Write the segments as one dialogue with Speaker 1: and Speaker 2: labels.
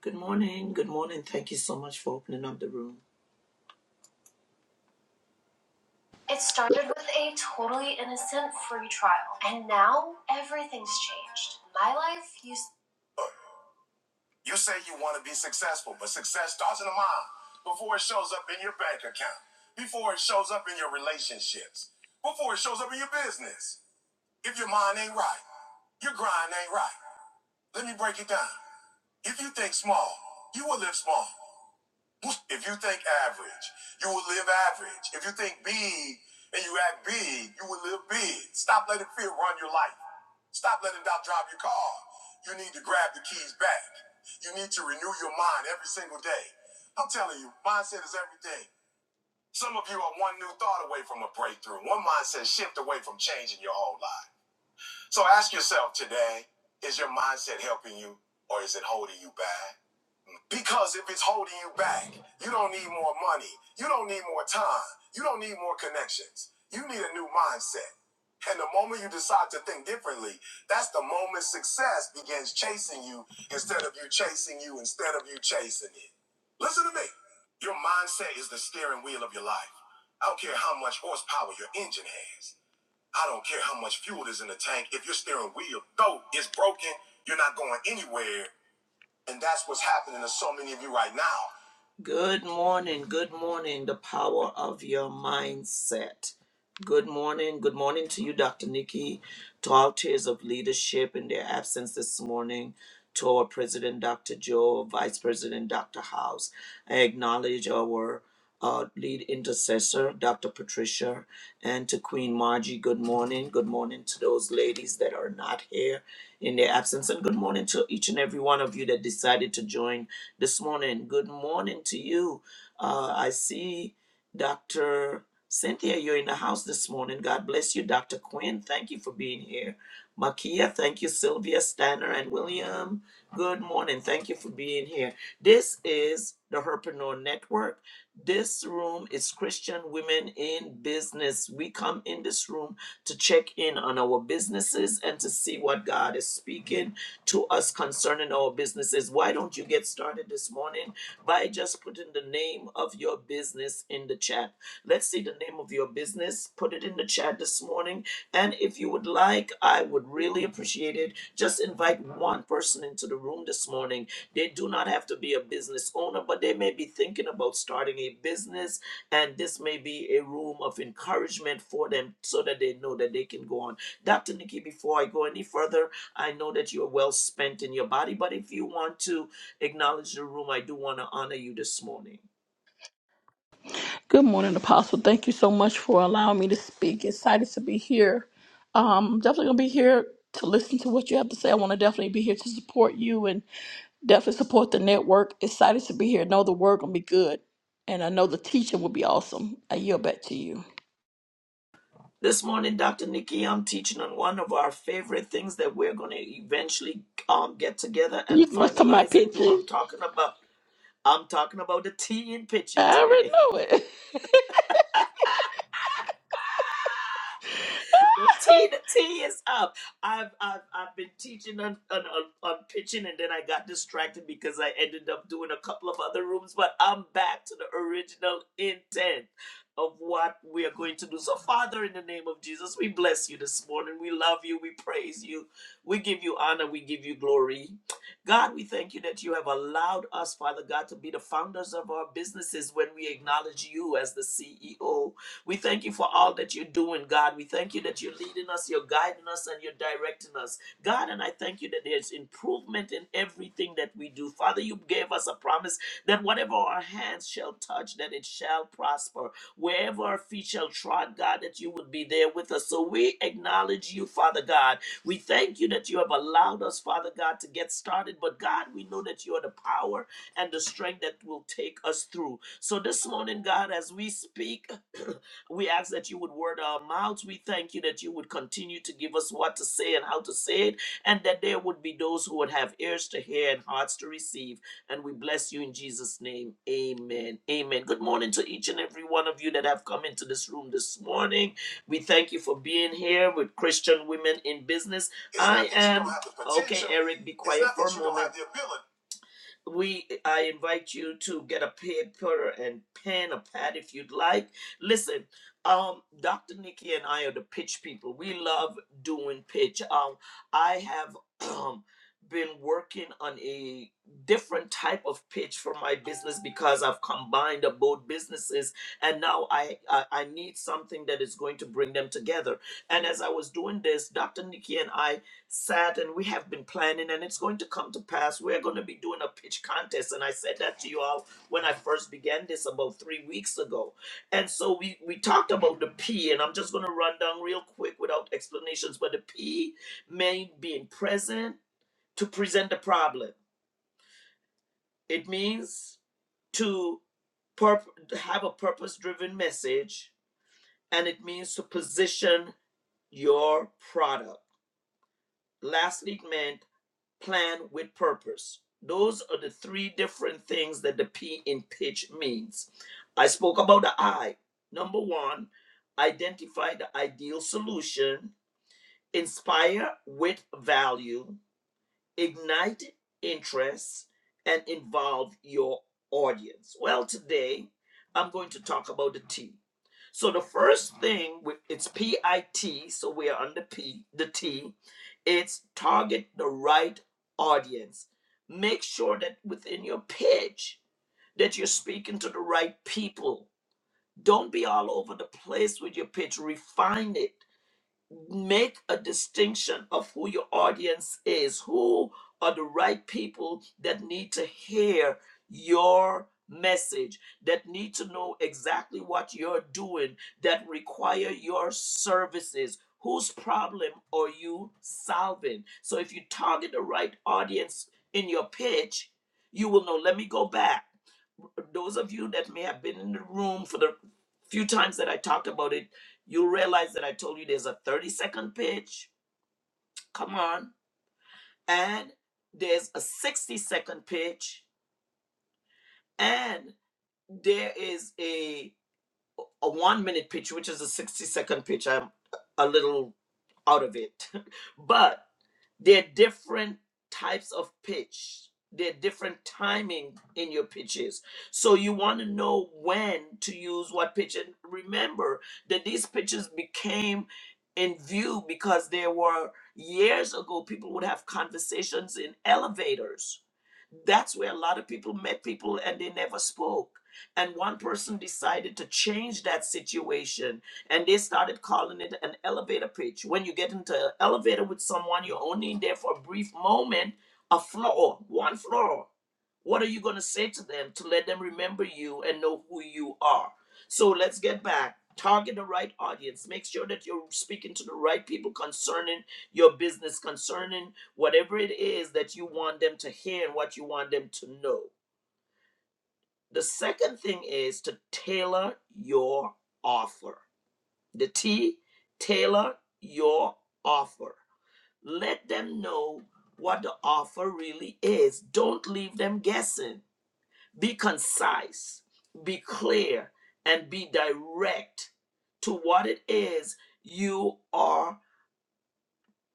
Speaker 1: Good morning. Good morning. Thank you so much for opening up the room. It started with a totally innocent free trial, and now everything's changed. My life used. You say you want to be successful, but success starts in the mind before it shows up in your bank account, before it shows up in your relationships, before it shows up in your business. If your mind ain't right, your grind ain't right. Let me break it down. If you think small, you will live small. If you think average, you will live average. If you think big and you act big, you will live big. Stop letting fear run your life. Stop letting doubt drive your car. You need to grab the keys back. You need to renew your mind every single day. I'm telling you, mindset is everything. Some of you are one new thought away from a breakthrough, one mindset shift away from changing your whole life. So ask yourself today is your mindset helping you or is it holding you back? Because if it's holding you back, you don't need more money. You don't need more time. You don't need more connections. You need a new mindset. And the moment you decide to think differently, that's the moment success begins chasing you instead of you chasing you, instead of you chasing it. Listen to me. Your mindset is the steering wheel of your life. I don't care how much horsepower your engine has. I don't care how much fuel is in the tank. If your steering wheel, though, is broken, you're not going anywhere and that's what's happening to so many of you right now. Good morning. Good morning. The power of your mindset. Good morning. Good morning to you, Dr. Nikki, to all tiers of leadership in their absence this morning, to our President, Dr. Joe, Vice President, Dr. House. I acknowledge our our lead intercessor, Dr. Patricia, and to Queen Margie, good morning. Good morning to those ladies that are not here in their absence, and good morning to each and every one of you that decided to join this morning. Good morning to you. Uh, I see Dr. Cynthia, you're in the house this morning. God bless you, Dr. Quinn. Thank you for being here. Makia, thank you, Sylvia, Stanner, and William. Good morning. Thank you for being here. This is the Herpreneur Network this room is Christian Women in Business. We come in this room to check in on our businesses and to see what God is speaking to us concerning our businesses. Why don't you get started this morning by just putting the name of your business in the chat? Let's see the name of your business. Put it in the chat this morning. And if you would like, I would really appreciate it. Just invite one person into the room this morning they do not have to be a business owner, but they may be thinking about starting a business, and this may be a room of encouragement for them so that they know that they can go on. Dr. Nikki, before I go any further, I know that you're well spent in your body, but if you want to acknowledge the room, I do want to honor you this morning.
Speaker 2: Good morning, Apostle. Thank you so much for allowing me to speak. Excited to be here. Um, definitely gonna be here to listen to what you have to say. I want to definitely be here to support you and definitely support the network. Excited to be here. Know the word gonna be good, and I know the teaching will be awesome. I yield back to you.
Speaker 1: This morning, Dr. Nikki, I'm teaching on one of our favorite things that we're going to eventually um, get together
Speaker 2: You
Speaker 1: and
Speaker 2: must have my
Speaker 1: finalize and do.
Speaker 2: picture.
Speaker 1: I'm talking about I'm talking about the tea in pitching
Speaker 2: I
Speaker 1: today.
Speaker 2: already know it.
Speaker 1: The tea, the tea is up. I've I've, I've been teaching on, on on on pitching, and then I got distracted because I ended up doing a couple of other rooms. But I'm back to the original intent of what we are going to do. So, Father, in the name of Jesus, we bless you this morning. We love you. We praise you. We give you honor. We give you glory. God, we thank you that you have allowed us, Father God, to be the founders of our businesses when we acknowledge you as the CEO. We thank you for all that you're doing, God. We thank you that you're leading us, you're guiding us, and you're directing us. God, and I thank you that there's improvement in everything that we do. Father, you gave us a promise that whatever our hands shall touch, that it shall prosper. Wherever our feet shall trod, God, that you would be there with us. So we acknowledge you, Father God. We thank you that you have allowed us, Father God, to get started. But God, we know that you are the power and the strength that will take us through. So this morning, God, as we speak, We ask that you would word our mouths. We thank you that you would continue to give us what to say and how to say it, and that there would be those who would have ears to hear and hearts to receive. And we bless you in Jesus' name. Amen. Amen. Good morning to each and every one of you that have come into this room this morning. We thank you for being here with Christian Women in Business. It's I am okay, Eric. Be quiet for a moment we i invite you to get a paper and pen a pad if you'd like listen um dr nikki and i are the pitch people we love doing pitch um i have um been working on a different type of pitch for my business because i've combined both businesses and now I, I i need something that is going to bring them together and as i was doing this dr nikki and i sat and we have been planning and it's going to come to pass we're going to be doing a pitch contest and i said that to you all when i first began this about three weeks ago and so we we talked about the p and i'm just going to run down real quick without explanations but the p may being present to present the problem it means to purp- have a purpose driven message and it means to position your product lastly it meant plan with purpose. Those are the three different things that the P in pitch means. I spoke about the I. Number one, identify the ideal solution, inspire with value, ignite interest, and involve your audience. Well, today I'm going to talk about the T. So the first thing it's P I T, so we are under P, the T, it's target the right audience. Make sure that within your pitch that you're speaking to the right people. Don't be all over the place with your pitch. Refine it make a distinction of who your audience is. Who are the right people that need to hear your message, that need to know exactly what you're doing, that require your services? Whose problem are you solving? So if you target the right audience in your pitch, you will know. Let me go back those of you that may have been in the room for the few times that I talked about it you realize that I told you there's a 30 second pitch. Come on. And there's a 60 second pitch. And there is a a one minute pitch, which is a 60 second pitch, I'm a little out of it. but there are different types of pitch, there are different timing in your pitches. So you want to know when to use what pitch. And remember that these pitches became in view because there were years ago people would have conversations in elevators. That's where a lot of people met people and they never spoke and one person decided to change that situation and they started calling it an elevator pitch. When you get into an elevator with someone, you're only in there for a brief moment, a floor, one floor. What are you going to say to them to let them remember you and know who you are? So let's get back. Target the right audience. Make sure that you're speaking to the right people concerning your business, concerning whatever it is that you want them to hear and what you want them to know. The second thing is to tailor your offer. The T, tailor your offer. Let them know what the offer really is. Don't leave them guessing. Be concise, be clear, and be direct to what it is you are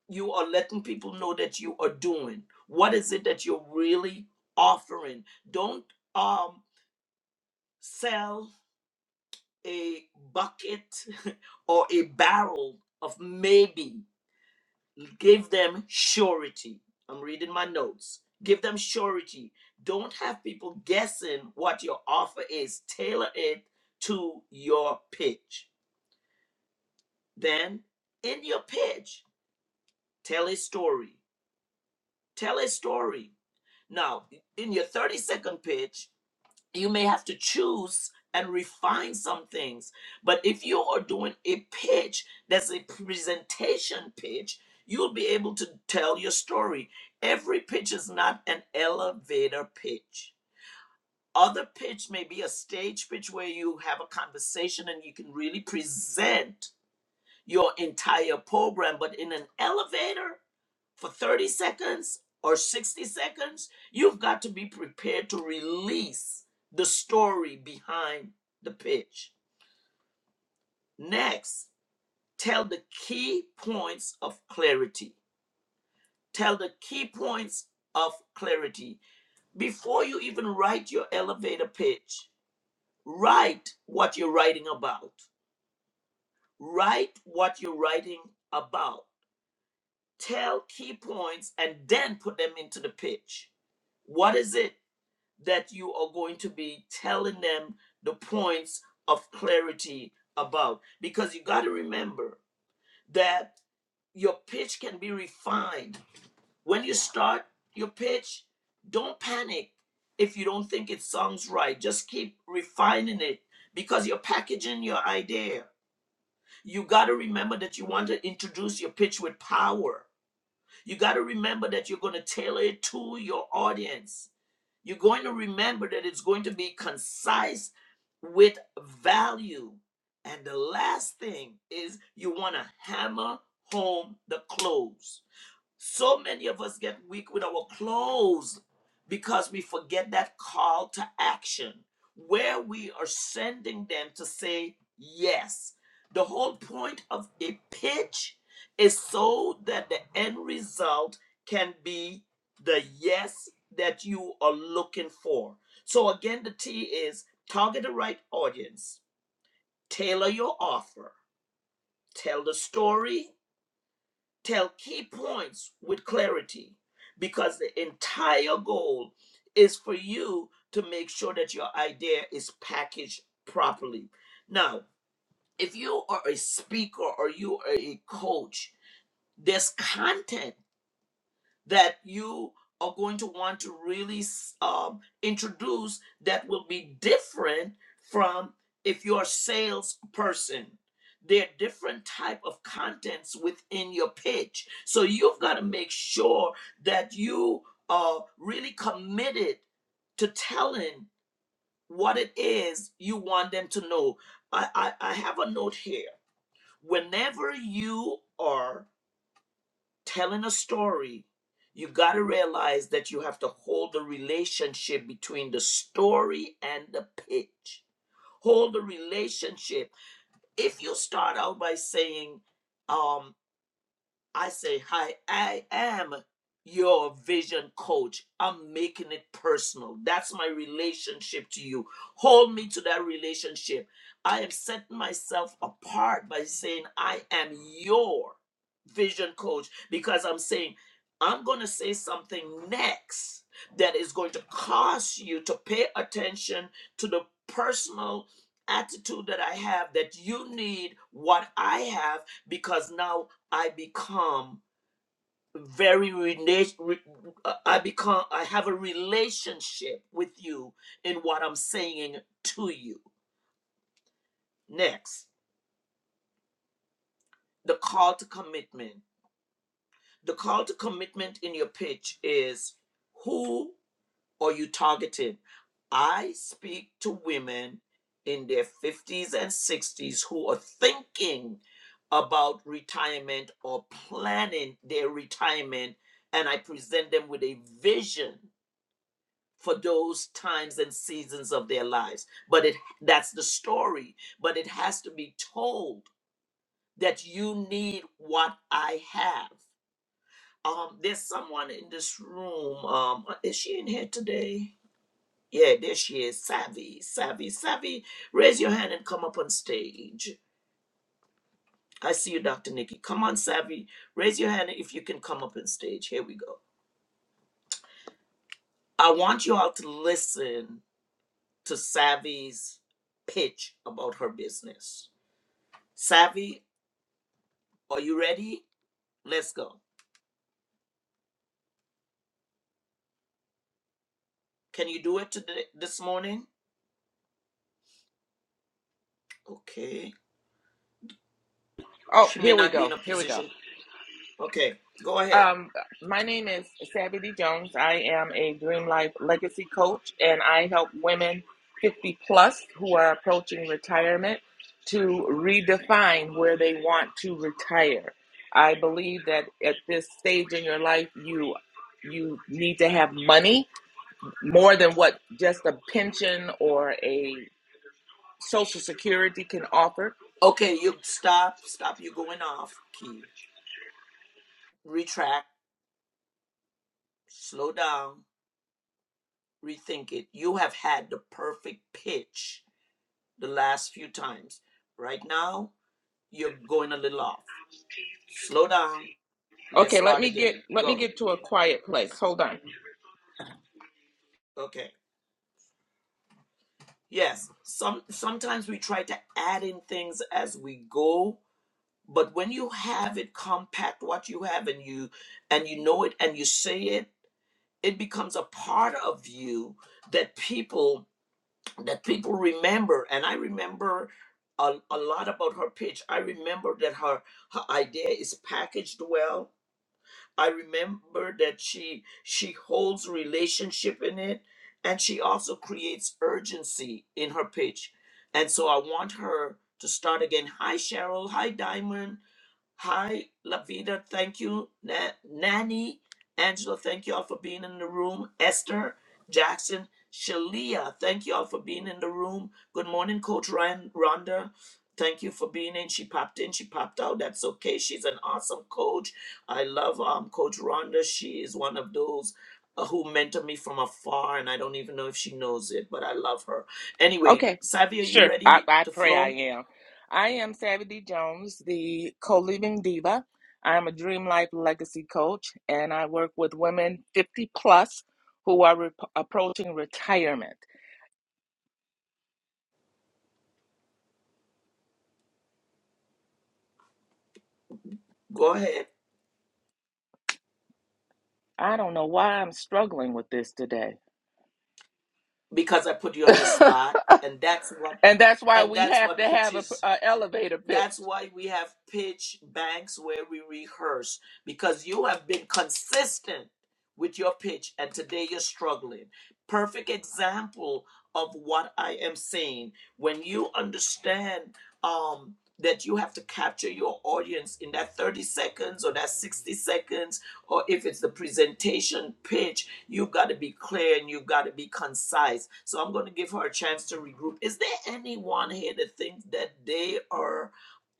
Speaker 1: you are letting people know that you are doing. What is it that you're really offering? Don't um sell a bucket or a barrel of maybe. Give them surety. I'm reading my notes. Give them surety. Don't have people guessing what your offer is. Tailor it to your pitch. Then, in your pitch, tell a story. Tell a story. Now, in your 30 second pitch, you may have to choose and refine some things. But if you are doing a pitch that's a presentation pitch, you'll be able to tell your story. Every pitch is not an elevator pitch. Other pitch may be a stage pitch where you have a conversation and you can really present your entire program, but in an elevator for 30 seconds or 60 seconds, you've got to be prepared to release the story behind the pitch. Next, tell the key points of clarity. Tell the key points of clarity. Before you even write your elevator pitch, write what you're writing about. Write what you're writing about tell key points and then put them into the pitch. What is it that you are going to be telling them the points of clarity about? Because you got to remember that your pitch can be refined. When you start your pitch, don't panic if you don't think it sounds right. Just keep refining it because you're packaging your idea. You got to remember that you want to introduce your pitch with power you got to remember that you're going to tailor it to your audience. You're going to remember that it's going to be concise with value. And the last thing is you want to hammer home the close so many of us get weak with our clothes because we forget that call to action where we are sending them to say yes. The whole point of a pitch is so that the end result can be the yes that you are looking for. So, again, the T is target the right audience, tailor your offer, tell the story, tell key points with clarity because the entire goal is for you to make sure that your idea is packaged properly. Now, if you are a speaker or you are a coach, there's content that you are going to want to really um, introduce that will be different from if you're a salesperson there are different type of contents within your pitch so you've got to make sure that you are really committed to telling what it is you want them to know i i, I have a note here whenever you are telling a story, you got to realize that you have to hold the relationship between the story and the pitch. Hold the relationship. If you start out by saying, um, I say, Hi, I am your vision coach. I'm making it personal. That's my relationship to you. Hold me to that relationship. I am setting myself apart by saying, I am your vision coach because I'm saying, I'm going to say something next that is going to cause you to pay attention to the personal attitude that I have that you need what I have because now I become very relation. Re, uh, I become. I have a relationship with you in what I'm saying to you. Next, the call to commitment. The call to commitment in your pitch is who are you targeting? I speak to women in their 50s and 60s who are thinking about retirement or planning their retirement, and I present them with a vision for those times and seasons of their lives but it that's the story but it has to be told that you need what i have um there's someone in this room um uh, is she in here today yeah there she is savvy savvy savvy raise your hand and come up on stage i see you dr nikki come on savvy raise your hand if you can come up on stage here we go i want you all to listen to savvy's pitch about her business Savvy, are you ready? Let's go. Can you do it today this morning? Okay.
Speaker 3: Oh,
Speaker 1: She may
Speaker 3: here we
Speaker 1: not be
Speaker 3: go.
Speaker 1: in a
Speaker 3: Here we go.
Speaker 1: position. Okay, go ahead.
Speaker 3: Um, my name is Savvy D. Jones. I am a Dream Life Legacy Coach, and I help women 50 plus who are approaching retirement to redefine where they want to retire. I believe that at this stage in your life, you you need to have money more than what just a pension or a social security can offer.
Speaker 1: Okay, you stop, stop, you going off key. Retract, slow down, rethink it. You have had the perfect pitch the last few times. Right now, you're going a little off. Slow down. Let's
Speaker 3: Okay, let
Speaker 1: start
Speaker 3: me get
Speaker 1: again.
Speaker 3: let me
Speaker 1: Go.
Speaker 3: get to a quiet place. Hold on.
Speaker 1: Okay. Yes. Some sometimes we try to add in things as we go but when you have it compact what you have and you and you know it and you say it it becomes a part of you that people that people remember and i remember a, a lot about her pitch i remember that her her idea is packaged well i remember that she she holds relationship in it and she also creates urgency in her pitch and so i want her to start again hi cheryl hi diamond Hi, Lavita. Thank you, Na- Nanny. Angela, thank you all for being in the room. Esther, Jackson, Shalia, thank you all for being in the room. Good morning, Coach Ryan Rhonda. Thank you for being in. She popped in, she popped out. That's okay. She's an awesome coach. I love um, Coach Rhonda. She is one of those uh, who mentor me from afar, and I don't even know if she knows it, but I love her. Anyway,
Speaker 3: Okay,
Speaker 1: Savvy, are you
Speaker 3: sure. I,
Speaker 1: ready
Speaker 3: I
Speaker 1: to
Speaker 3: pray I
Speaker 1: flow?
Speaker 3: am. I am Savvy D. Jones, the co living diva. I am a Dream Life Legacy Coach, and I work with women 50 plus who are re- approaching retirement.
Speaker 1: Go ahead.
Speaker 3: I don't know why I'm struggling with this today.
Speaker 1: because I put you on the
Speaker 3: and
Speaker 1: spot, and that's what
Speaker 3: that's why
Speaker 1: and
Speaker 3: we
Speaker 1: that's
Speaker 3: have to
Speaker 1: what
Speaker 3: have a,
Speaker 1: pitches
Speaker 3: a elevator pitch.
Speaker 1: that's why we have pitch banks where we rehearse because you have been consistent with your pitch and today you're struggling. Perfect example of what I am saying. When you understand um, that you have to capture your audience in that 30 seconds or that 60 seconds, or if it's the presentation pitch, you've got to be clear and you've got to be concise. So I'm going to give her a chance to regroup. Is there anyone here that thinks that they are?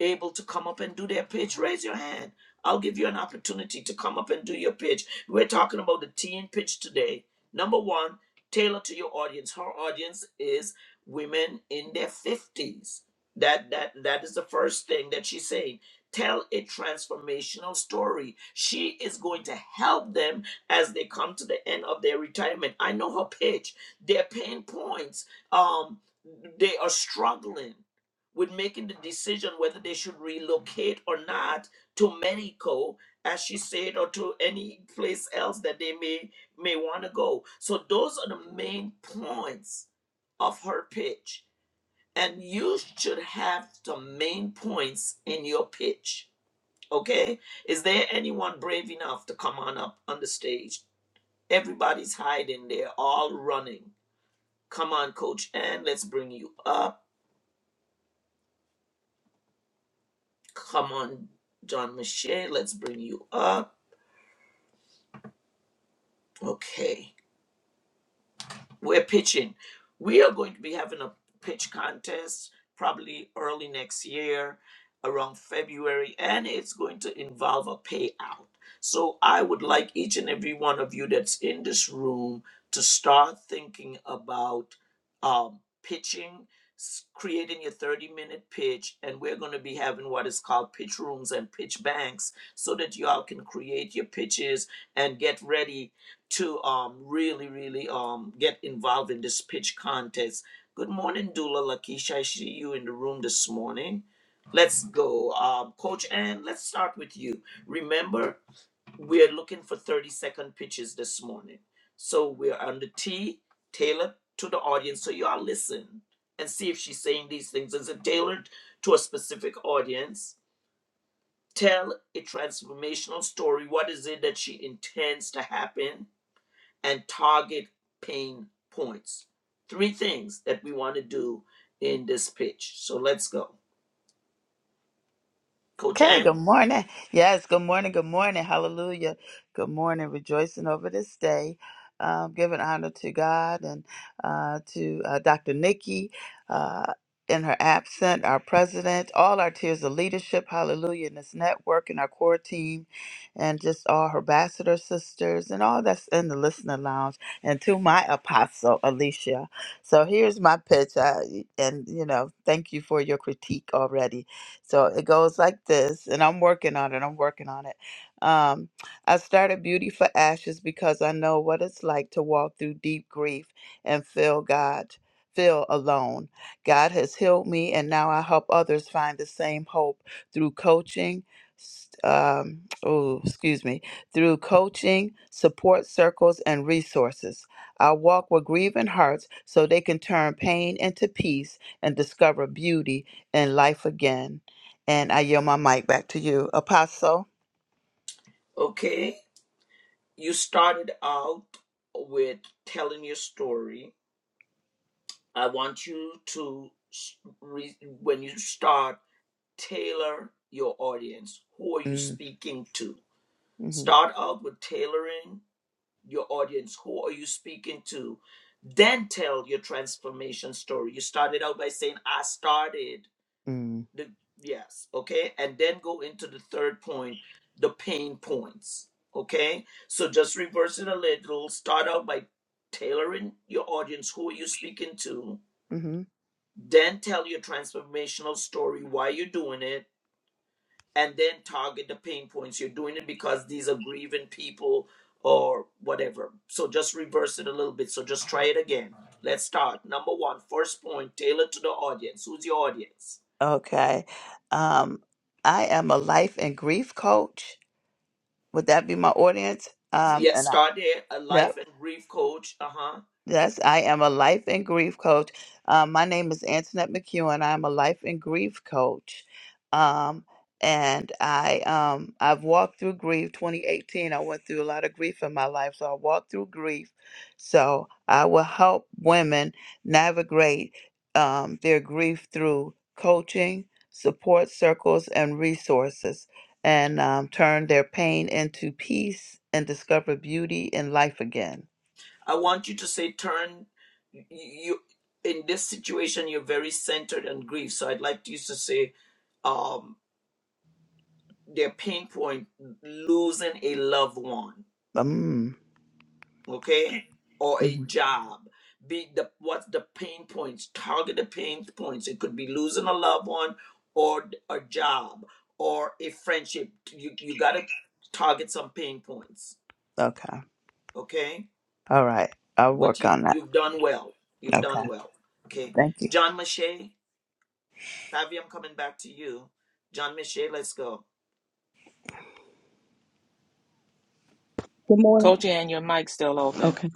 Speaker 1: able to come up and do their pitch, raise your hand. I'll give you an opportunity to come up and do your pitch. We're talking about the T in pitch today. Number one, tailor to your audience. Her audience is women in their fifties. That that that is the first thing that she's saying. Tell a transformational story. She is going to help them as they come to the end of their retirement. I know her pitch. Their pain points. Um, they are struggling with making the decision whether they should relocate or not to Mexico, as she said, or to any place else that they may may want to go. So those are the main points of her pitch. And you should have some main points in your pitch. Okay? Is there anyone brave enough to come on up on the stage? Everybody's hiding there, all running. Come on, Coach and let's bring you up. Come on, John Michelle, let's bring you up. Okay. we're pitching. We are going to be having a pitch contest probably early next year, around February, and it's going to involve a payout. So I would like each and every one of you that's in this room to start thinking about um, pitching, s- creating your 30 minute pitch, and we're going to be having what is called pitch rooms and pitch banks so that y'all can create your pitches and get ready to um, really, really um, get involved in this pitch contest. Good morning, Dula Lakeisha. I see you in the room this morning. Let's go. Um, Coach Ann, let's start with you. Remember, we're looking for 30 second pitches this morning. So we're on the T, tailored to the audience. So y'all listen and see if she's saying these things. Is it tailored to a specific audience? Tell a transformational story. What is it that she intends to happen? and target pain points. Three things that we want to do in this pitch. So let's go. Coach
Speaker 4: Okay, good
Speaker 1: Ann,
Speaker 4: morning. Yes, good morning, good morning. Hallelujah. Good morning. Rejoicing over this day. Um, giving honor to God and uh, to uh, Dr. Nikki uh, in her absent, our president, all our tiers of leadership. Hallelujah. In this network and our core team and just all her ambassador sisters and all that's in the listener lounge and to my apostle, Alicia. So here's my pitch. I, and, you know, thank you for your critique already so it goes like this, and I'm working on it. I'm working on it. Um, I started Beauty for Ashes because I know what it's like to walk through deep grief and feel God, feel alone. God has healed me, and now I help others find the same hope through coaching. s- Um, oh, excuse me, through coaching, support circles, and resources. I walk with grieving hearts so they can turn pain into peace and discover beauty in life again. And I yield my mic back to you, Apostle.
Speaker 1: okay, you started out with telling your story. I want you to, re- when you start, tailor your audience. Who are you
Speaker 4: Mm,
Speaker 1: speaking to?
Speaker 4: hmm
Speaker 1: Start out with tailoring your audience. Who are you speaking to? Then tell your transformation story. You started out by saying, I started
Speaker 4: mm,
Speaker 1: The yes, okay, and then go into the third point, the pain points. Okay, so just reverse it a little. Start out by tailoring your audience. Who are you speaking to?
Speaker 4: hmm
Speaker 1: Then tell your transformational story, why you're doing it, and then target the pain points. You're doing it because these are grieving people or whatever. So just reverse it a little bit. So just try it again. Let's start. Number one, first point, tailor to the audience. Who's your audience?
Speaker 4: Okay. Um, I am a life and grief coach. Would that be my audience? Um,
Speaker 1: Yes,
Speaker 4: and I,
Speaker 1: start there. A
Speaker 4: no.
Speaker 1: life and grief coach. Uh huh.
Speaker 4: Yes, I am a life and grief coach. Um, my name is Antoinette McEwen. I'm a life and grief coach. Um, and I um, I've walked through grief. 2018, I went through a lot of grief in my life, so I walked through grief. So I will help women navigate um, their grief through coaching, support circles, and resources, and um, turn their pain into peace and discover beauty in life again.
Speaker 1: I want you to say, turn y- you in this situation. You're very centered on grief, so I'd like to use to say, um, their pain point: losing a loved one,
Speaker 4: Mm.
Speaker 1: okay, or a
Speaker 4: mm-hmm.
Speaker 1: job. Be the what's the pain points? Target the pain points. It could be losing a loved one, or a job, or a friendship. You you gotta target some pain points,
Speaker 4: Okay.
Speaker 1: okay?
Speaker 4: All right. I'll
Speaker 1: but
Speaker 4: work
Speaker 1: you
Speaker 4: on that.
Speaker 1: you've done well. You've
Speaker 4: Okay.
Speaker 1: done well. Okay,
Speaker 4: Thank you.
Speaker 1: John Mache, Savvy, I'm coming back to you. John Mache, let's go.
Speaker 5: Good morning.
Speaker 3: Coach Ann, your mic's still open.
Speaker 5: Okay.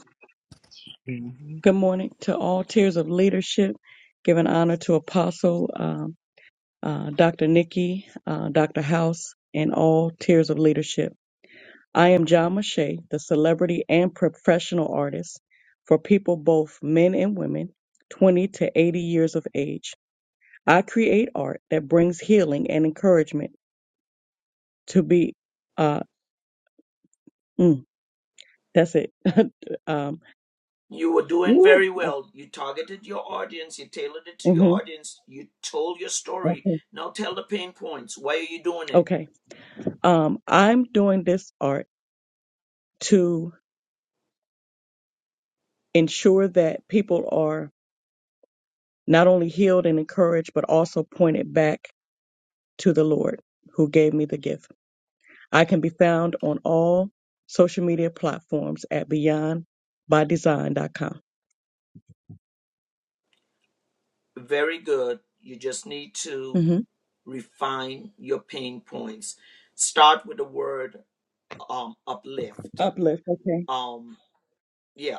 Speaker 4: Mhm.
Speaker 5: Good morning to all tiers of leadership. Giving honor to Apostle um, uh, Dr. Nikki, uh, Dr. House, and all tiers of leadership. I am John Mache, the celebrity and professional artist for people both men and women, 20 to 80 years of age. I create art that brings healing and encouragement to be. Uh, mm, that's it. um,
Speaker 1: You were doing
Speaker 5: woo.
Speaker 1: very well. You targeted your audience. You tailored it to your
Speaker 5: hmm
Speaker 1: audience. You told your story.
Speaker 5: Okay.
Speaker 1: Now tell the pain points. Why are you doing it?
Speaker 5: Okay. Um, I'm doing this art to ensure that people are not only healed and encouraged, but also pointed back to the Lord who gave me the gift. I can be found on all social media platforms at beyondbydesign.com.
Speaker 1: Very good. You just need to
Speaker 5: Mm-hmm.
Speaker 1: refine your pain points. Start with the word um, uplift.
Speaker 5: Uplift. Okay.
Speaker 1: Um, yeah.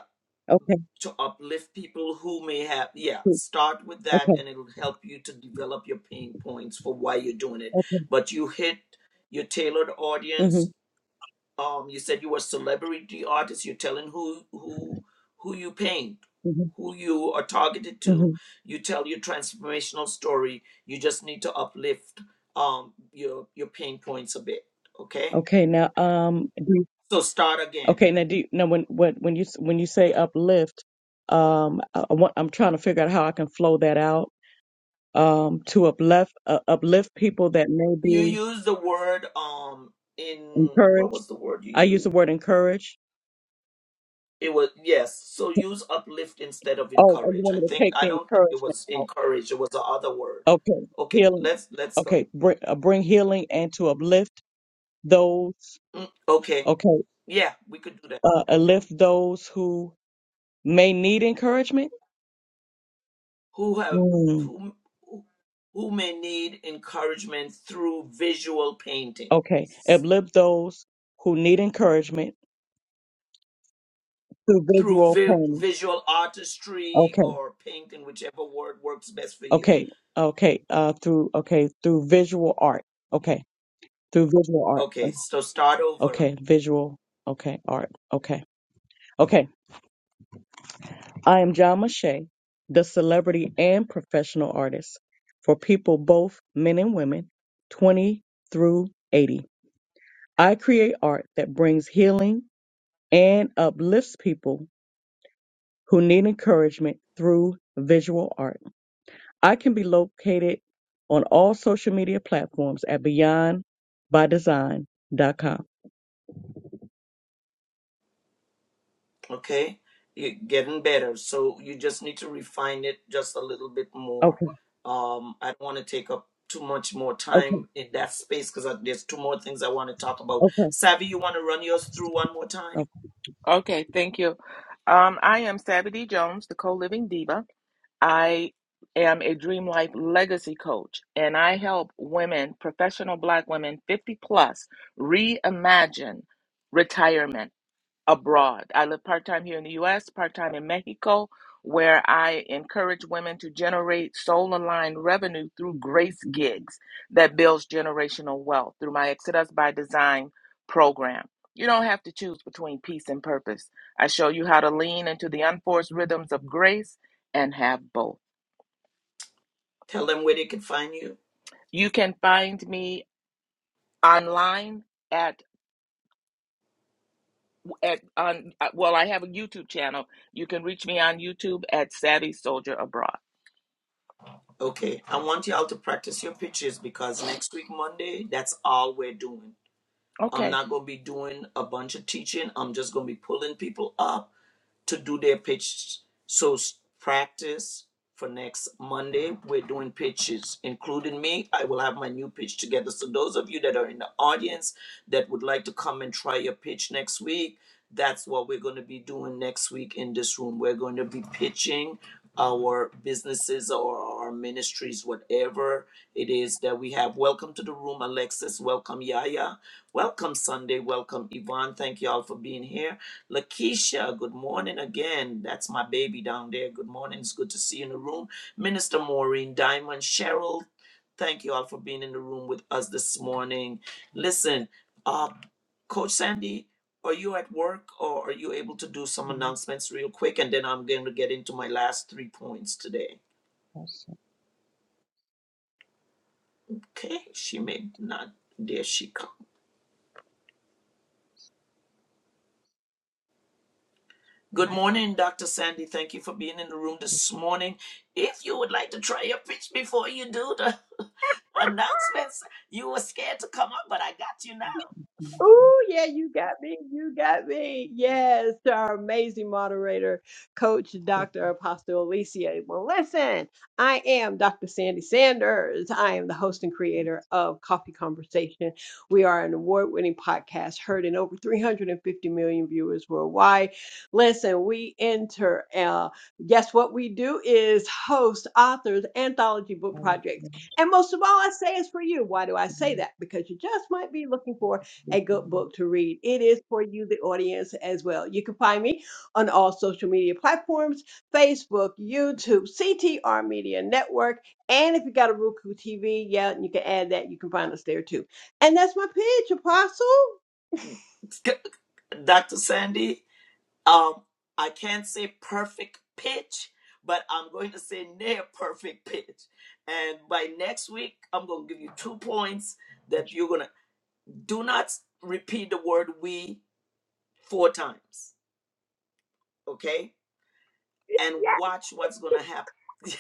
Speaker 5: Okay.
Speaker 1: to uplift people who may have yeah
Speaker 5: cool.
Speaker 1: start with that
Speaker 5: Okay.
Speaker 1: and it'll help you to develop your pain points for why you're doing it
Speaker 5: Okay.
Speaker 1: but you hit your tailored
Speaker 5: Mm-hmm.
Speaker 1: audience um you said you were a celebrity artist you're telling who who who you paint
Speaker 5: Mm-hmm.
Speaker 1: who you are targeted
Speaker 5: hmm
Speaker 1: to you tell your transformational story you just need to uplift um your your pain points a bit okay
Speaker 5: Okay. Now, um, do, you-
Speaker 1: so start again
Speaker 5: okay. Now, do you, now when when when you s- when you say uplift, um, I, I want, I'm trying to figure out how I can flow that out um, to uplift uh, uplift people that may
Speaker 1: you
Speaker 5: be
Speaker 1: use the word um in what
Speaker 5: encouraged.
Speaker 1: was the word you
Speaker 5: I
Speaker 1: used
Speaker 5: use the word encourage.
Speaker 1: It was yes. So use uplift instead of
Speaker 5: Oh, oh, you
Speaker 1: encourage.
Speaker 5: want
Speaker 1: I
Speaker 5: me to
Speaker 1: think
Speaker 5: take
Speaker 1: I
Speaker 5: the
Speaker 1: don't think it
Speaker 5: encouragement
Speaker 1: was
Speaker 5: out?
Speaker 1: encourage. It was the other word.
Speaker 5: Okay,
Speaker 1: Okay,
Speaker 5: healing.
Speaker 1: let's let's go.
Speaker 5: Okay, bring, uh, bring healing and to uplift those.
Speaker 1: Mm, okay,
Speaker 5: Okay,
Speaker 1: yeah, we could do that.
Speaker 5: uh,
Speaker 1: hmm
Speaker 5: uplift those who may need encouragement.
Speaker 1: Who have
Speaker 5: Mm,
Speaker 1: who who may need encouragement through visual painting,
Speaker 5: okay, uplift those who need encouragement through
Speaker 1: through
Speaker 5: visual
Speaker 1: vi-
Speaker 5: painting.
Speaker 1: visual artistry
Speaker 5: Okay,
Speaker 1: or painting, whichever word works best for you.
Speaker 5: okay, okay. Uh, through okay through visual art. Okay, through visual art.
Speaker 1: Okay, so start over.
Speaker 5: Okay, visual. Okay, art. Okay, okay. I am John Mache, the celebrity and professional artist for people, both men and women, 20 through 80. I create art that brings healing and uplifts people who need encouragement through visual art. I can be located on all social media platforms at beyond by design dot com.
Speaker 1: okay you're getting better so you just need to refine it just a little bit more
Speaker 5: Okay,
Speaker 1: um i don't want to take up too much more
Speaker 5: okay,
Speaker 1: time in that space because there's two more things i want to talk about
Speaker 5: okay,
Speaker 1: savvy you want to run yours through one more time
Speaker 3: Okay, thank you. Um, I am Savvy D. Jones, the co living diva. I am a Dream Life legacy coach, and I help women, professional Black women, 50 plus, reimagine retirement. abroad. I live part time here in the US, part time in Mexico, where I encourage women to generate soul aligned revenue through grace gigs that builds generational wealth through my Exodus by Design program. You don't have to choose between peace and purpose. I show you how to lean into the unforced rhythms of grace and have both.
Speaker 1: tell them where they can find you
Speaker 3: You can find me online at at on uh, well I have a YouTube channel. You can reach me on YouTube at Savvy Soldier Abroad.
Speaker 1: okay i want y'all to practice your pitches because next week monday that's all we're doing I'm
Speaker 3: Okay.
Speaker 1: not going to be doing a bunch of teaching. I'm just going to be pulling people up to do their pitches. So practice for next Monday. We're doing pitches, including me. I will have my new pitch together. So those of you that are in the audience that would like to come and try your pitch next week, that's what we're going to be doing next week in this room. We're going to be pitching our businesses or our ministries, whatever it is that we have. Welcome to the room, Alexis. Welcome, Yaya. Welcome, Sunday. Welcome, Yvonne. Thank you all for being here. Lakeisha, good morning again. That's my baby down there. Good morning. It's good to see you in the room. Minister Maureen Diamond, Cheryl, thank you all for being in the room with us this morning. Listen, uh, Coach Sandy. Are you at work or are you able to do some announcements real quick? And then I'm going to get into my last three points today. Okay, she may not. There she comes. Good
Speaker 6: Hi, Apostle.
Speaker 1: morning, Dr. Sandy. Thank you for being in the room this morning. If you would like to try your pitch before you do the announcements, you were scared to come up, but I got you
Speaker 6: Ooh, yeah, you got me. You got me. Yes, to our amazing moderator, Coach Dr. Apostle Alicia. Well, listen, I am Dr. Sandy Sanders. I am the host and creator of Coffee Conversation. We are an award winning podcast heard in over 350 million viewers worldwide. Listen, we enter, uh, yes, what we do is host authors, anthology book projects. And most of all, I say it's for you. Why do I
Speaker 5: okay.
Speaker 6: say that? Because you just might be looking for a good book to read. It is for you, the audience, as well. You can find me on all social media platforms Facebook, YouTube, CTR Media Network. And if you got a Roku TV, yeah, you can add that. You can find us there too. And that's my pitch, Apostle. Yes.
Speaker 1: now. Dr. Sandy, um I can't say perfect pitch, but I'm going to say near perfect pitch. And by next week, I'm going to give you two points that you're going to do not repeat the word we four times, okay? And watch what's going to happen.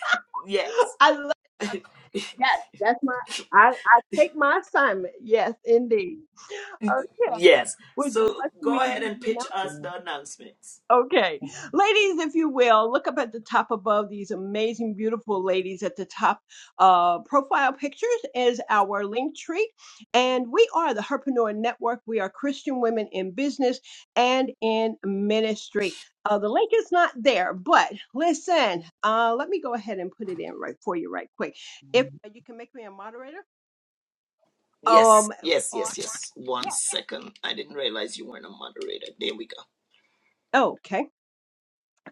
Speaker 1: yes.
Speaker 6: I love Yes, that's my I, I take my assignment. Yes, indeed. Okay.
Speaker 1: Yes.
Speaker 6: Would you
Speaker 1: So
Speaker 6: like for me
Speaker 1: go
Speaker 6: to do
Speaker 1: ahead and
Speaker 6: the announcement?
Speaker 1: pitch us the
Speaker 5: um,
Speaker 1: announcements.
Speaker 6: Okay. Ladies, if you will, look up at the top above these amazing, beautiful ladies at the top. Uh, profile pictures is our link tree. And we are the Herpreneur Network. We are Christian women in business and in ministry. Uh, the link is not there, but listen, uh, let me go ahead and put it in right for you right quick. If
Speaker 5: um,
Speaker 6: you can make me a moderator,
Speaker 1: Yes.
Speaker 6: um,
Speaker 1: Yes,
Speaker 6: or,
Speaker 1: yes, yes. One
Speaker 6: yeah.
Speaker 1: second. I didn't realize you weren't a moderator. There we go.
Speaker 6: Okay.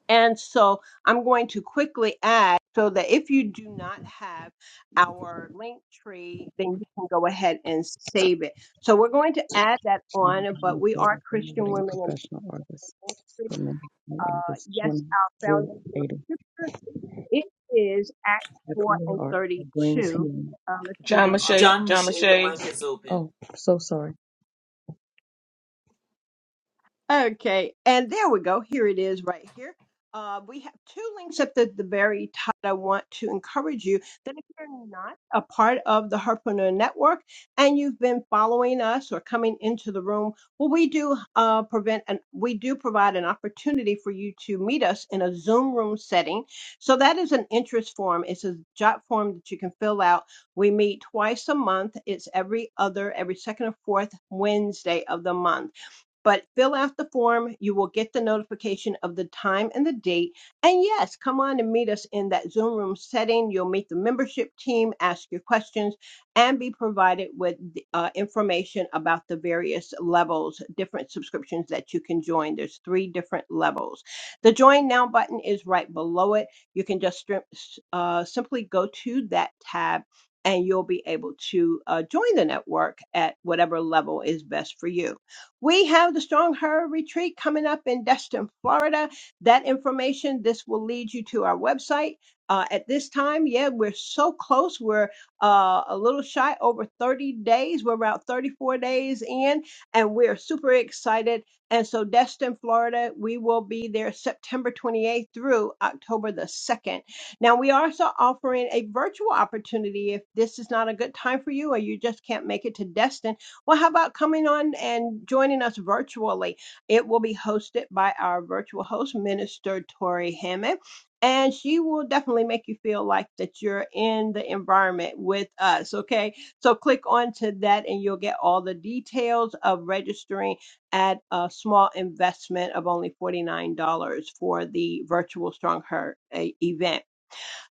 Speaker 6: And so I'm going to quickly add so that if you do not have our link tree, then you can go ahead and save it. So we're going to add that on,
Speaker 5: I'm
Speaker 6: but
Speaker 5: a
Speaker 6: we are
Speaker 5: creative and
Speaker 6: Christian women in
Speaker 5: professional artist
Speaker 6: ministry.
Speaker 5: for many
Speaker 6: Uh,
Speaker 5: ages 20
Speaker 6: yes, our
Speaker 5: through
Speaker 6: foundational
Speaker 5: 80.
Speaker 6: scripture it is Acts
Speaker 5: Her
Speaker 6: 4
Speaker 5: creative
Speaker 6: and
Speaker 5: art brings
Speaker 6: 32.
Speaker 5: healing.
Speaker 6: Uh, let's see.
Speaker 3: John Mache,
Speaker 1: John
Speaker 3: John
Speaker 1: Michelle, your
Speaker 3: Mache,
Speaker 1: mic is open.
Speaker 5: Oh, so sorry.
Speaker 6: Okay, and there we go. Here it is right here. Uh, we have two links at the, the very top. I want to encourage you that if you're not a part of the Herpreneur Network and you've been following us or coming into the room, well, we do uh, prevent and we do provide an opportunity for you to meet us in a Zoom room setting. So that is an interest form. It's a jot form that you can fill out. We meet twice a month. It's every other, every second or fourth Wednesday of the month but fill out the form. You will get the notification of the time and the date. And yes, come on and meet us in that Zoom room setting. You'll meet the membership team, ask your questions, and be provided with uh, information about the various levels, different subscriptions that you can join. There's three different levels. The join now button is right below it. You can just uh, simply go to that tab. And you'll be able to uh, join the network at whatever level is best for you. We have the Strong Her Retreat coming up in Destin, Florida. That information, this will lead you to our website. Uh, at this time, yeah, we're so close. We're uh, a little shy over 30 days. We're about 34 days in, and we're super excited. And so, Destin, Florida, we will be there September 28th through October the 2nd. Now, we are also offering a virtual opportunity if this is not a good time for you or you just can't make it to Destin well, how about coming on and joining us virtually? It will be hosted by our virtual host, Minister Tori Hammond. And she will definitely make you feel like that you're in the environment with us. Okay. So click on to that and you'll get all the details of registering at a small investment of only $49 for the virtual Strong Heart uh, event.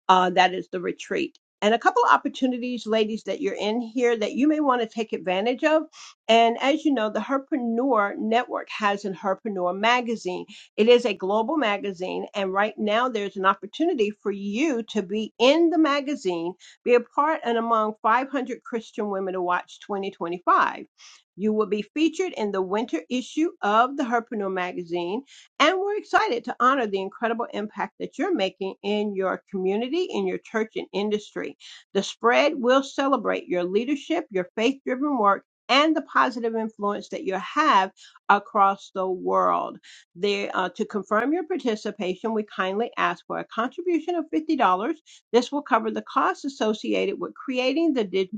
Speaker 6: Uh, that is the retreat. And a couple of opportunities, ladies, that you're in here that you may want to take advantage of. And as you know, the Herpreneur Network has an Herpreneur magazine. It is a global magazine. And right now, there's an opportunity for you to be in the magazine, be a part and among 500 Christian Women to Watch 2025. You will be featured in the winter issue of the Herpreneur magazine and we're excited to honor the incredible impact that you're making in your community, in your church, and industry. The spread will celebrate your leadership, your faith driven work. And the positive influence that you have across the world. There, uh, to confirm your participation, we kindly ask for a contribution of $50. This will cover the costs associated with creating the di-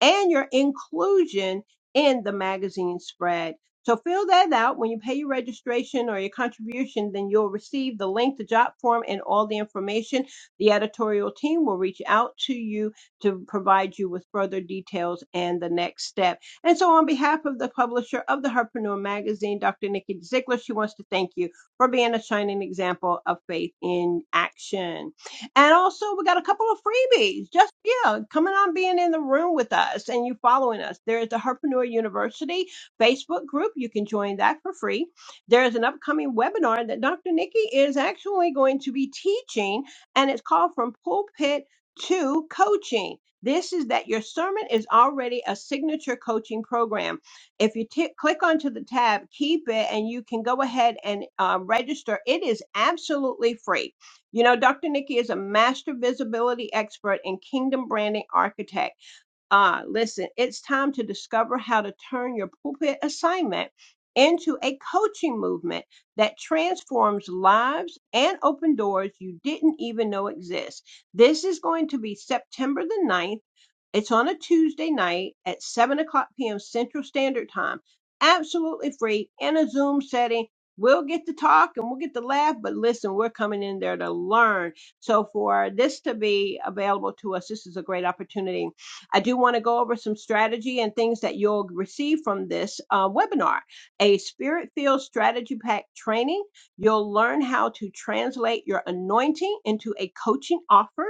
Speaker 6: and your inclusion in the magazine spread. So fill that out. When you pay your registration or your contribution, then you'll receive the link, the job form, and all the information. The editorial team will reach out to you to provide you with further details and the next step. And so on behalf of the publisher of the Herpreneur magazine, Dr. Nikki Ziegler, she wants to thank you for being a shining example of faith in action. And also, we got a couple of freebies. Just, yeah, coming on being in the room with us and you following us. There is the Herpreneur University Facebook group. You can join that for free. There is an upcoming webinar that Dr. Nikki is actually going to be teaching, and it's called From Pulpit to Coaching. This is that your sermon is already a signature coaching program if you t- click onto the tab, keep it, and you can go ahead and uh, register. It is absolutely free. You know, Dr. Nikki is a master visibility expert and kingdom branding architect. Uh, listen, it's time to discover how to turn your pulpit assignment into a coaching movement that transforms lives and open doors you didn't even know exist. This is going to be September the ninth. It's on a Tuesday night at 7 o'clock p.m. Central Standard Time. Absolutely free in a Zoom setting. We'll get to talk and we'll get to laugh, but listen, we're coming in there to learn. So, for this to be available to us, this is a great opportunity. I do want to go over some strategy and things that you'll receive from this uh, webinar a spirit filled strategy pack training. You'll learn how to translate your anointing into a coaching offer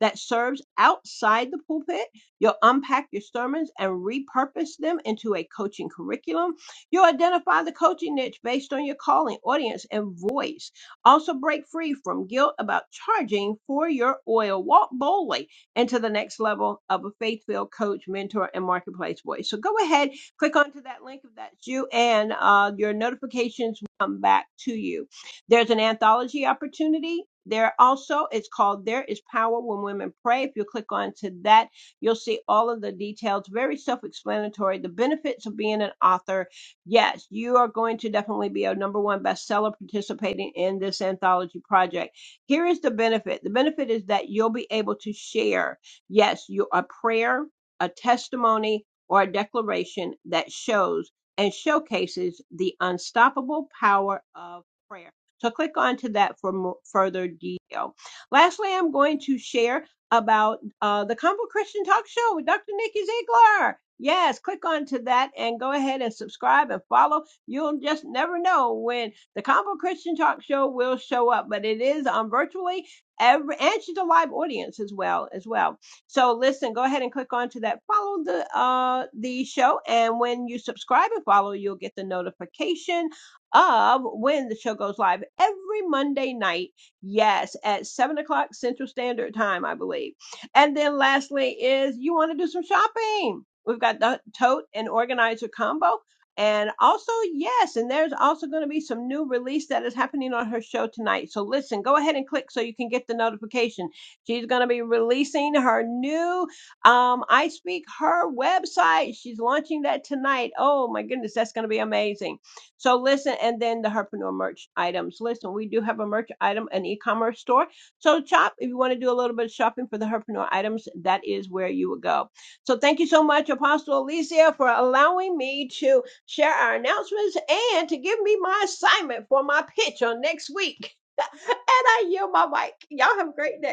Speaker 6: that serves outside the pulpit You'll unpack your sermons and repurpose them into a coaching curriculum. You'll identify the coaching niche based on your calling, audience, and voice. Also, break free from guilt about charging for your oil. Walk boldly into the next level of a faith filled coach, mentor, and marketplace voice. So go ahead, click onto that link if that's you, and uh, your notifications will come back to you. There's an anthology opportunity. There also, it's called There is Power When Women Pray. If you click onto that, You'll see all of the details, very self explanatory. The benefits of being an author. Yes, you are going to definitely be a number one bestseller participating in this anthology project. Here is the benefit the benefit is that you'll be able to share, yes, you, a prayer, a testimony, or a declaration that shows and showcases the unstoppable power of prayer. So click on to that for more, further detail. Lastly, I'm going to share about uh, the Combo Christian Talk Show with Dr. Nikki Ziegler. Yes, click onto that and go ahead and subscribe and follow. You'll just never know when the Combo Christian Talk Show will show up, but it is on virtually every, and she's a live audience as well, as well. So listen, go ahead and click onto that. Follow the uh the show, and when you subscribe and follow, you'll get the notification of when the show goes live every Monday night Yes, at seven o'clock Central Standard Time, I believe. And then lastly is you want to do some shopping. We've got the tote and organizer combo. And also, yes, and there's also going to be some new release that is happening on her show tonight. So listen, go ahead and click so you can get the notification. She's going to be releasing her new um, I Speak Her website. She's launching that tonight. Oh my goodness, that's going to be amazing. So listen, and then the herpreneur merch items. Listen, we do have a merch item, an e-commerce store. So shop if you want to do a little bit of shopping for the herpreneur items. That is where you would go. So thank you so much, Apostle Alicia, for allowing me to share our announcements and to give me my assignment for my pitch on next week. and I yield my mic. Y'all have a great day.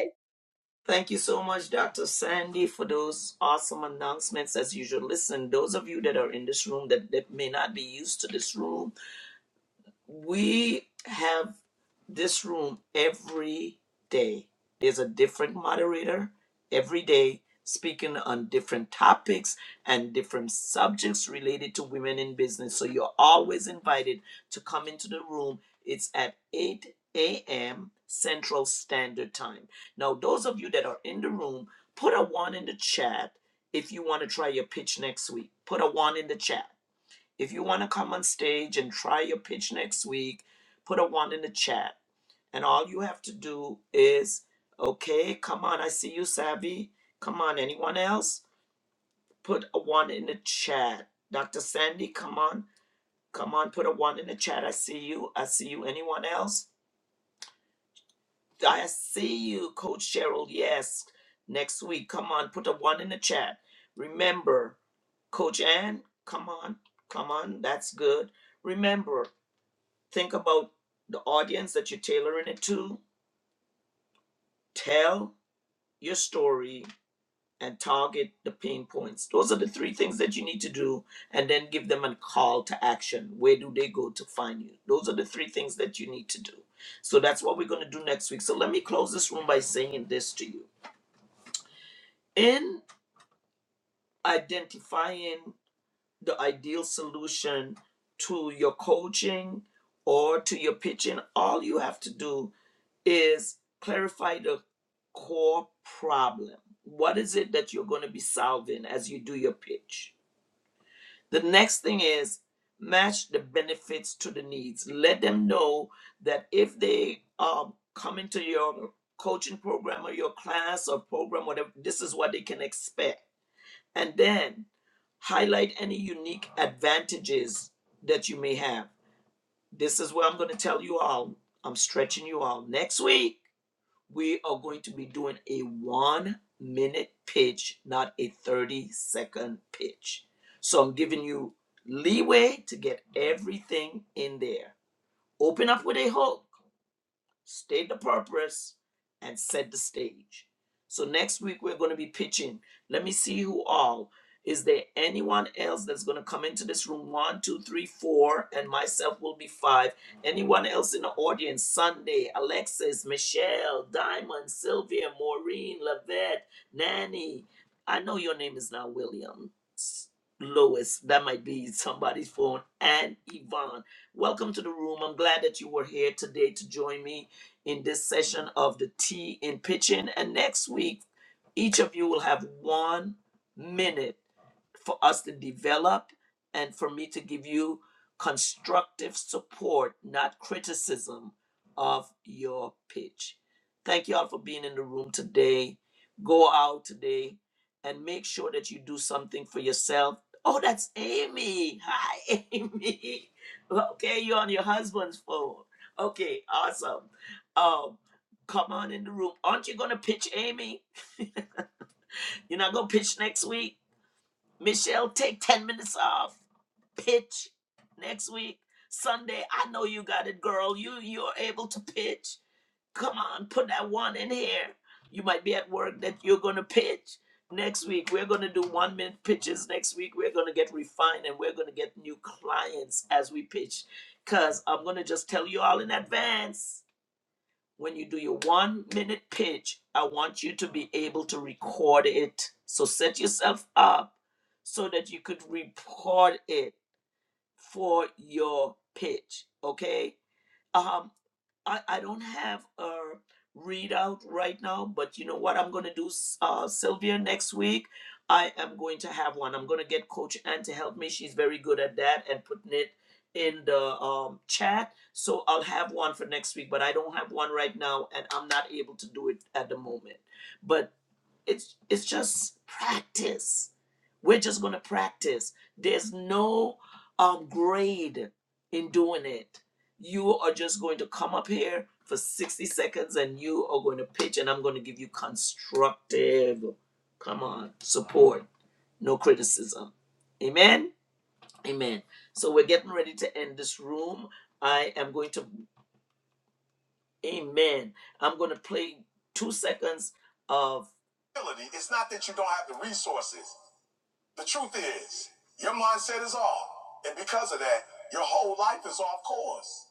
Speaker 1: Thank you so much, Dr. Sandy, for those awesome announcements. As usual, listen, those of you that are in this room that, that may not be used to this room, we have this room every day. There's a different moderator every day speaking on different topics and different subjects related to women in business. So you're always invited to come into the room. It's at 8 a.m. Central Standard Time. Now, those of you that are in the room, put a one in the chat if you want to try your pitch next week. Put a one in the chat if you want to come on stage and try your pitch next week, put a one in the chat. And all you have to do is, okay, come on, I see you, Savvy. Come on, anyone else? Put a one in the chat. Dr. Sandy, come on. Come on, put a one in the chat. I see you. I see you. Anyone else? I see you, Coach Cheryl. Yes. Next week, come on, put a one in the chat. Remember, Coach Ann, come on. Come on. That's good. Remember, Think about the audience that you're tailoring it to. Tell your story and target the pain points. Those are the three things that you need to do, and then give them a call to action. Where do they go to find you? Those are the three things that you need to do. So that's what we're going to do next week. So let me close this room by saying this to you. In identifying the ideal solution to your coaching or to your pitching, all you have to do is clarify the core problem. What is it that you're going to be solving as you do your pitch? The next thing is match the benefits to the needs. Let them know that if they um, come into your coaching program or your class or program, whatever, this is what they can expect. And then highlight any unique advantages that you may have. This is where I'm going to tell you all. I'm stretching you all. Next week, we are going to be doing a one minute pitch, not a 30 second pitch. So I'm giving you leeway to get everything in there. Open up with a hook state the purpose, and set the stage. So next week we're going to be pitching. Let me see who all. Is there anyone else that's going to come into this room? One, two, three, four, and myself will be five. Anyone else in the audience? Sunday, Alexis, Michelle, Diamond, Sylvia, Maureen, Lavette, Nanny. I know your name is not William. Lois, that might be somebody's phone, and Yvonne. Welcome to the room. I'm glad that you were here today to join me in this session of the tea in pitching. And next week, each of you will have one minute for us to develop and for me to give you constructive support, not criticism of your pitch. Thank you all for being in the room today. Go out today and make sure that you do something for yourself. Oh, that's Amy. Hi, Amy. Okay, you're on your husband's phone. Okay, awesome. Um, come on in the room. Aren't you gonna pitch Amy? You're not gonna pitch next week. Michelle, take 10 minutes off. Pitch next week. Sunday, I know you got it, girl. You you're able to pitch. Come on, put that one in here. You might be at work that you're gonna pitch. Next week, we're gonna do one minute pitches. Next week, we're gonna get refined and we're gonna get new clients as we pitch. Cause I'm gonna just tell you all in advance when you do your one minute pitch, I want you to be able to record it. So set yourself up so that you could record it for your pitch. Okay. Um, I, I don't have a readout right now, but you know what I'm going to do, uh, Sylvia, next week? I am going to have one. I'm going to get Coach Ann to help me. She's very good at that and putting it in the um, chat. So I'll have one for next week, but I don't have one right now and I'm not able to do it at the moment. But it's it's just practice. We're just going to practice. There's no um, grade in doing it you are just going to come up here for 60 seconds and you are going to pitch and i'm going to give you constructive come on support no criticism amen amen so we're getting ready to end this room i am going to amen i'm going to play two seconds of It's not that you don't have the resources. The truth is, your mindset is off. And because of that, your whole life is off course.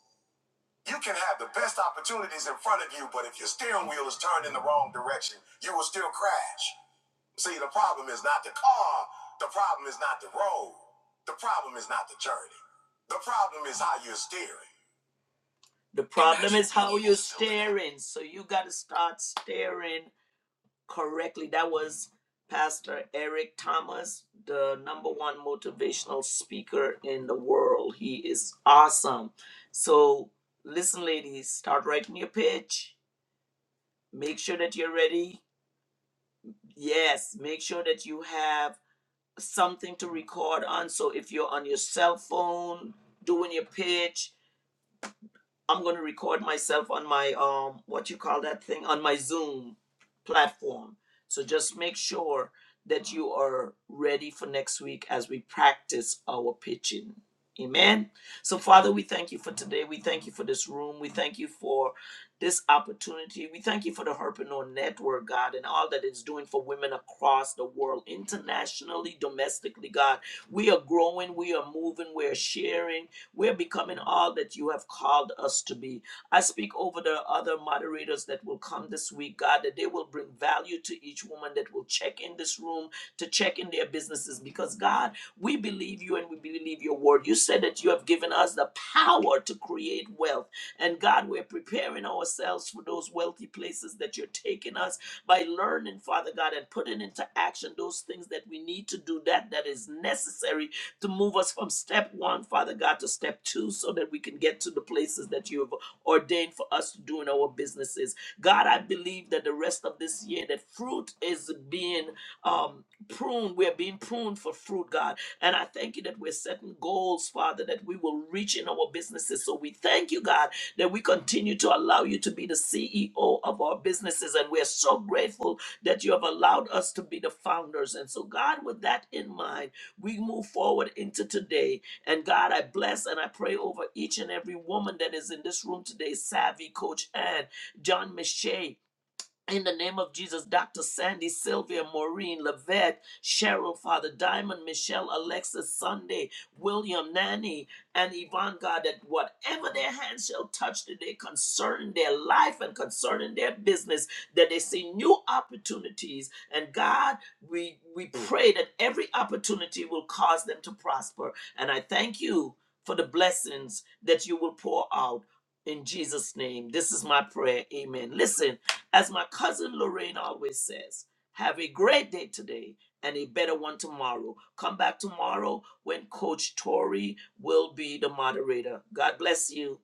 Speaker 1: You can have the best opportunities in front of you, but if your steering wheel is turned in the wrong direction, you will still crash. See, the problem is not the car, the problem is not the road, the problem is not the journey. The problem is how you're steering. The problem is how you're steering. So you got to start steering correctly, that was Pastor Eric Thomas, the number one motivational speaker in the world. He is awesome. So, listen, ladies, start writing your pitch. Make sure that you're ready. Yes, make sure that you have something to record on. So, if you're on your cell phone doing your pitch, I'm going to record myself on my um what you call that thing on my Zoom platform. So just make sure that you are ready for next week as we practice our pitching. Amen. So Father, we thank you for today. We thank you for this room. We thank you for this opportunity. We thank you for the Herpreneur Network, God, and all that it's doing for women across the world, internationally, domestically, God. We are growing, we are moving, we are sharing we're becoming all that you have called us to be. I speak over the other moderators that will come this week, God, that they will bring value to each woman that will check in this room to check in their businesses because, God, we believe you and we believe your word. You said that you have given us the power to create wealth. And God, we're preparing ourselves for those wealthy places that you're taking us by learning, Father God, and putting into action those things that we need to do, that that is necessary to move us from step one, Father God, to step two, so that we can get to the places that you have ordained for us to do in our businesses. God, I believe that the rest of this year, that fruit is being um, pruned. We're being pruned for fruit, God. And I thank you that we're setting goals, Father, that we will reach in our businesses. So we thank you, God, that we continue to allow you to be the CEO of our businesses. And we're so grateful that you have allowed us to be the founders. And so, God, with that in mind, we move forward into today. And God, I bless and I pray over each and every woman that is in this room today, Savvy, Coach Ann, John Miche. In the name of Jesus, Dr. Sandy, Sylvia, Maureen, Lavette, Cheryl, Father Diamond, Michelle, Alexis, Sunday, William, Nanny, and Yvonne, God, that whatever their hands shall touch today concerning their life and concerning their business, that they see new opportunities. And God, we, we pray that every opportunity will cause them to prosper. And I thank you for the blessings that you will pour out in Jesus' name. This is my prayer. Amen. Listen. As my cousin Lorraine always says, have a great day today and a better one tomorrow. Come back tomorrow when Coach Tori will be the moderator. God bless you.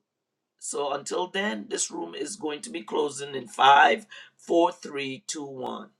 Speaker 1: So until then, this room is going to be closing in five, four, three, two, one.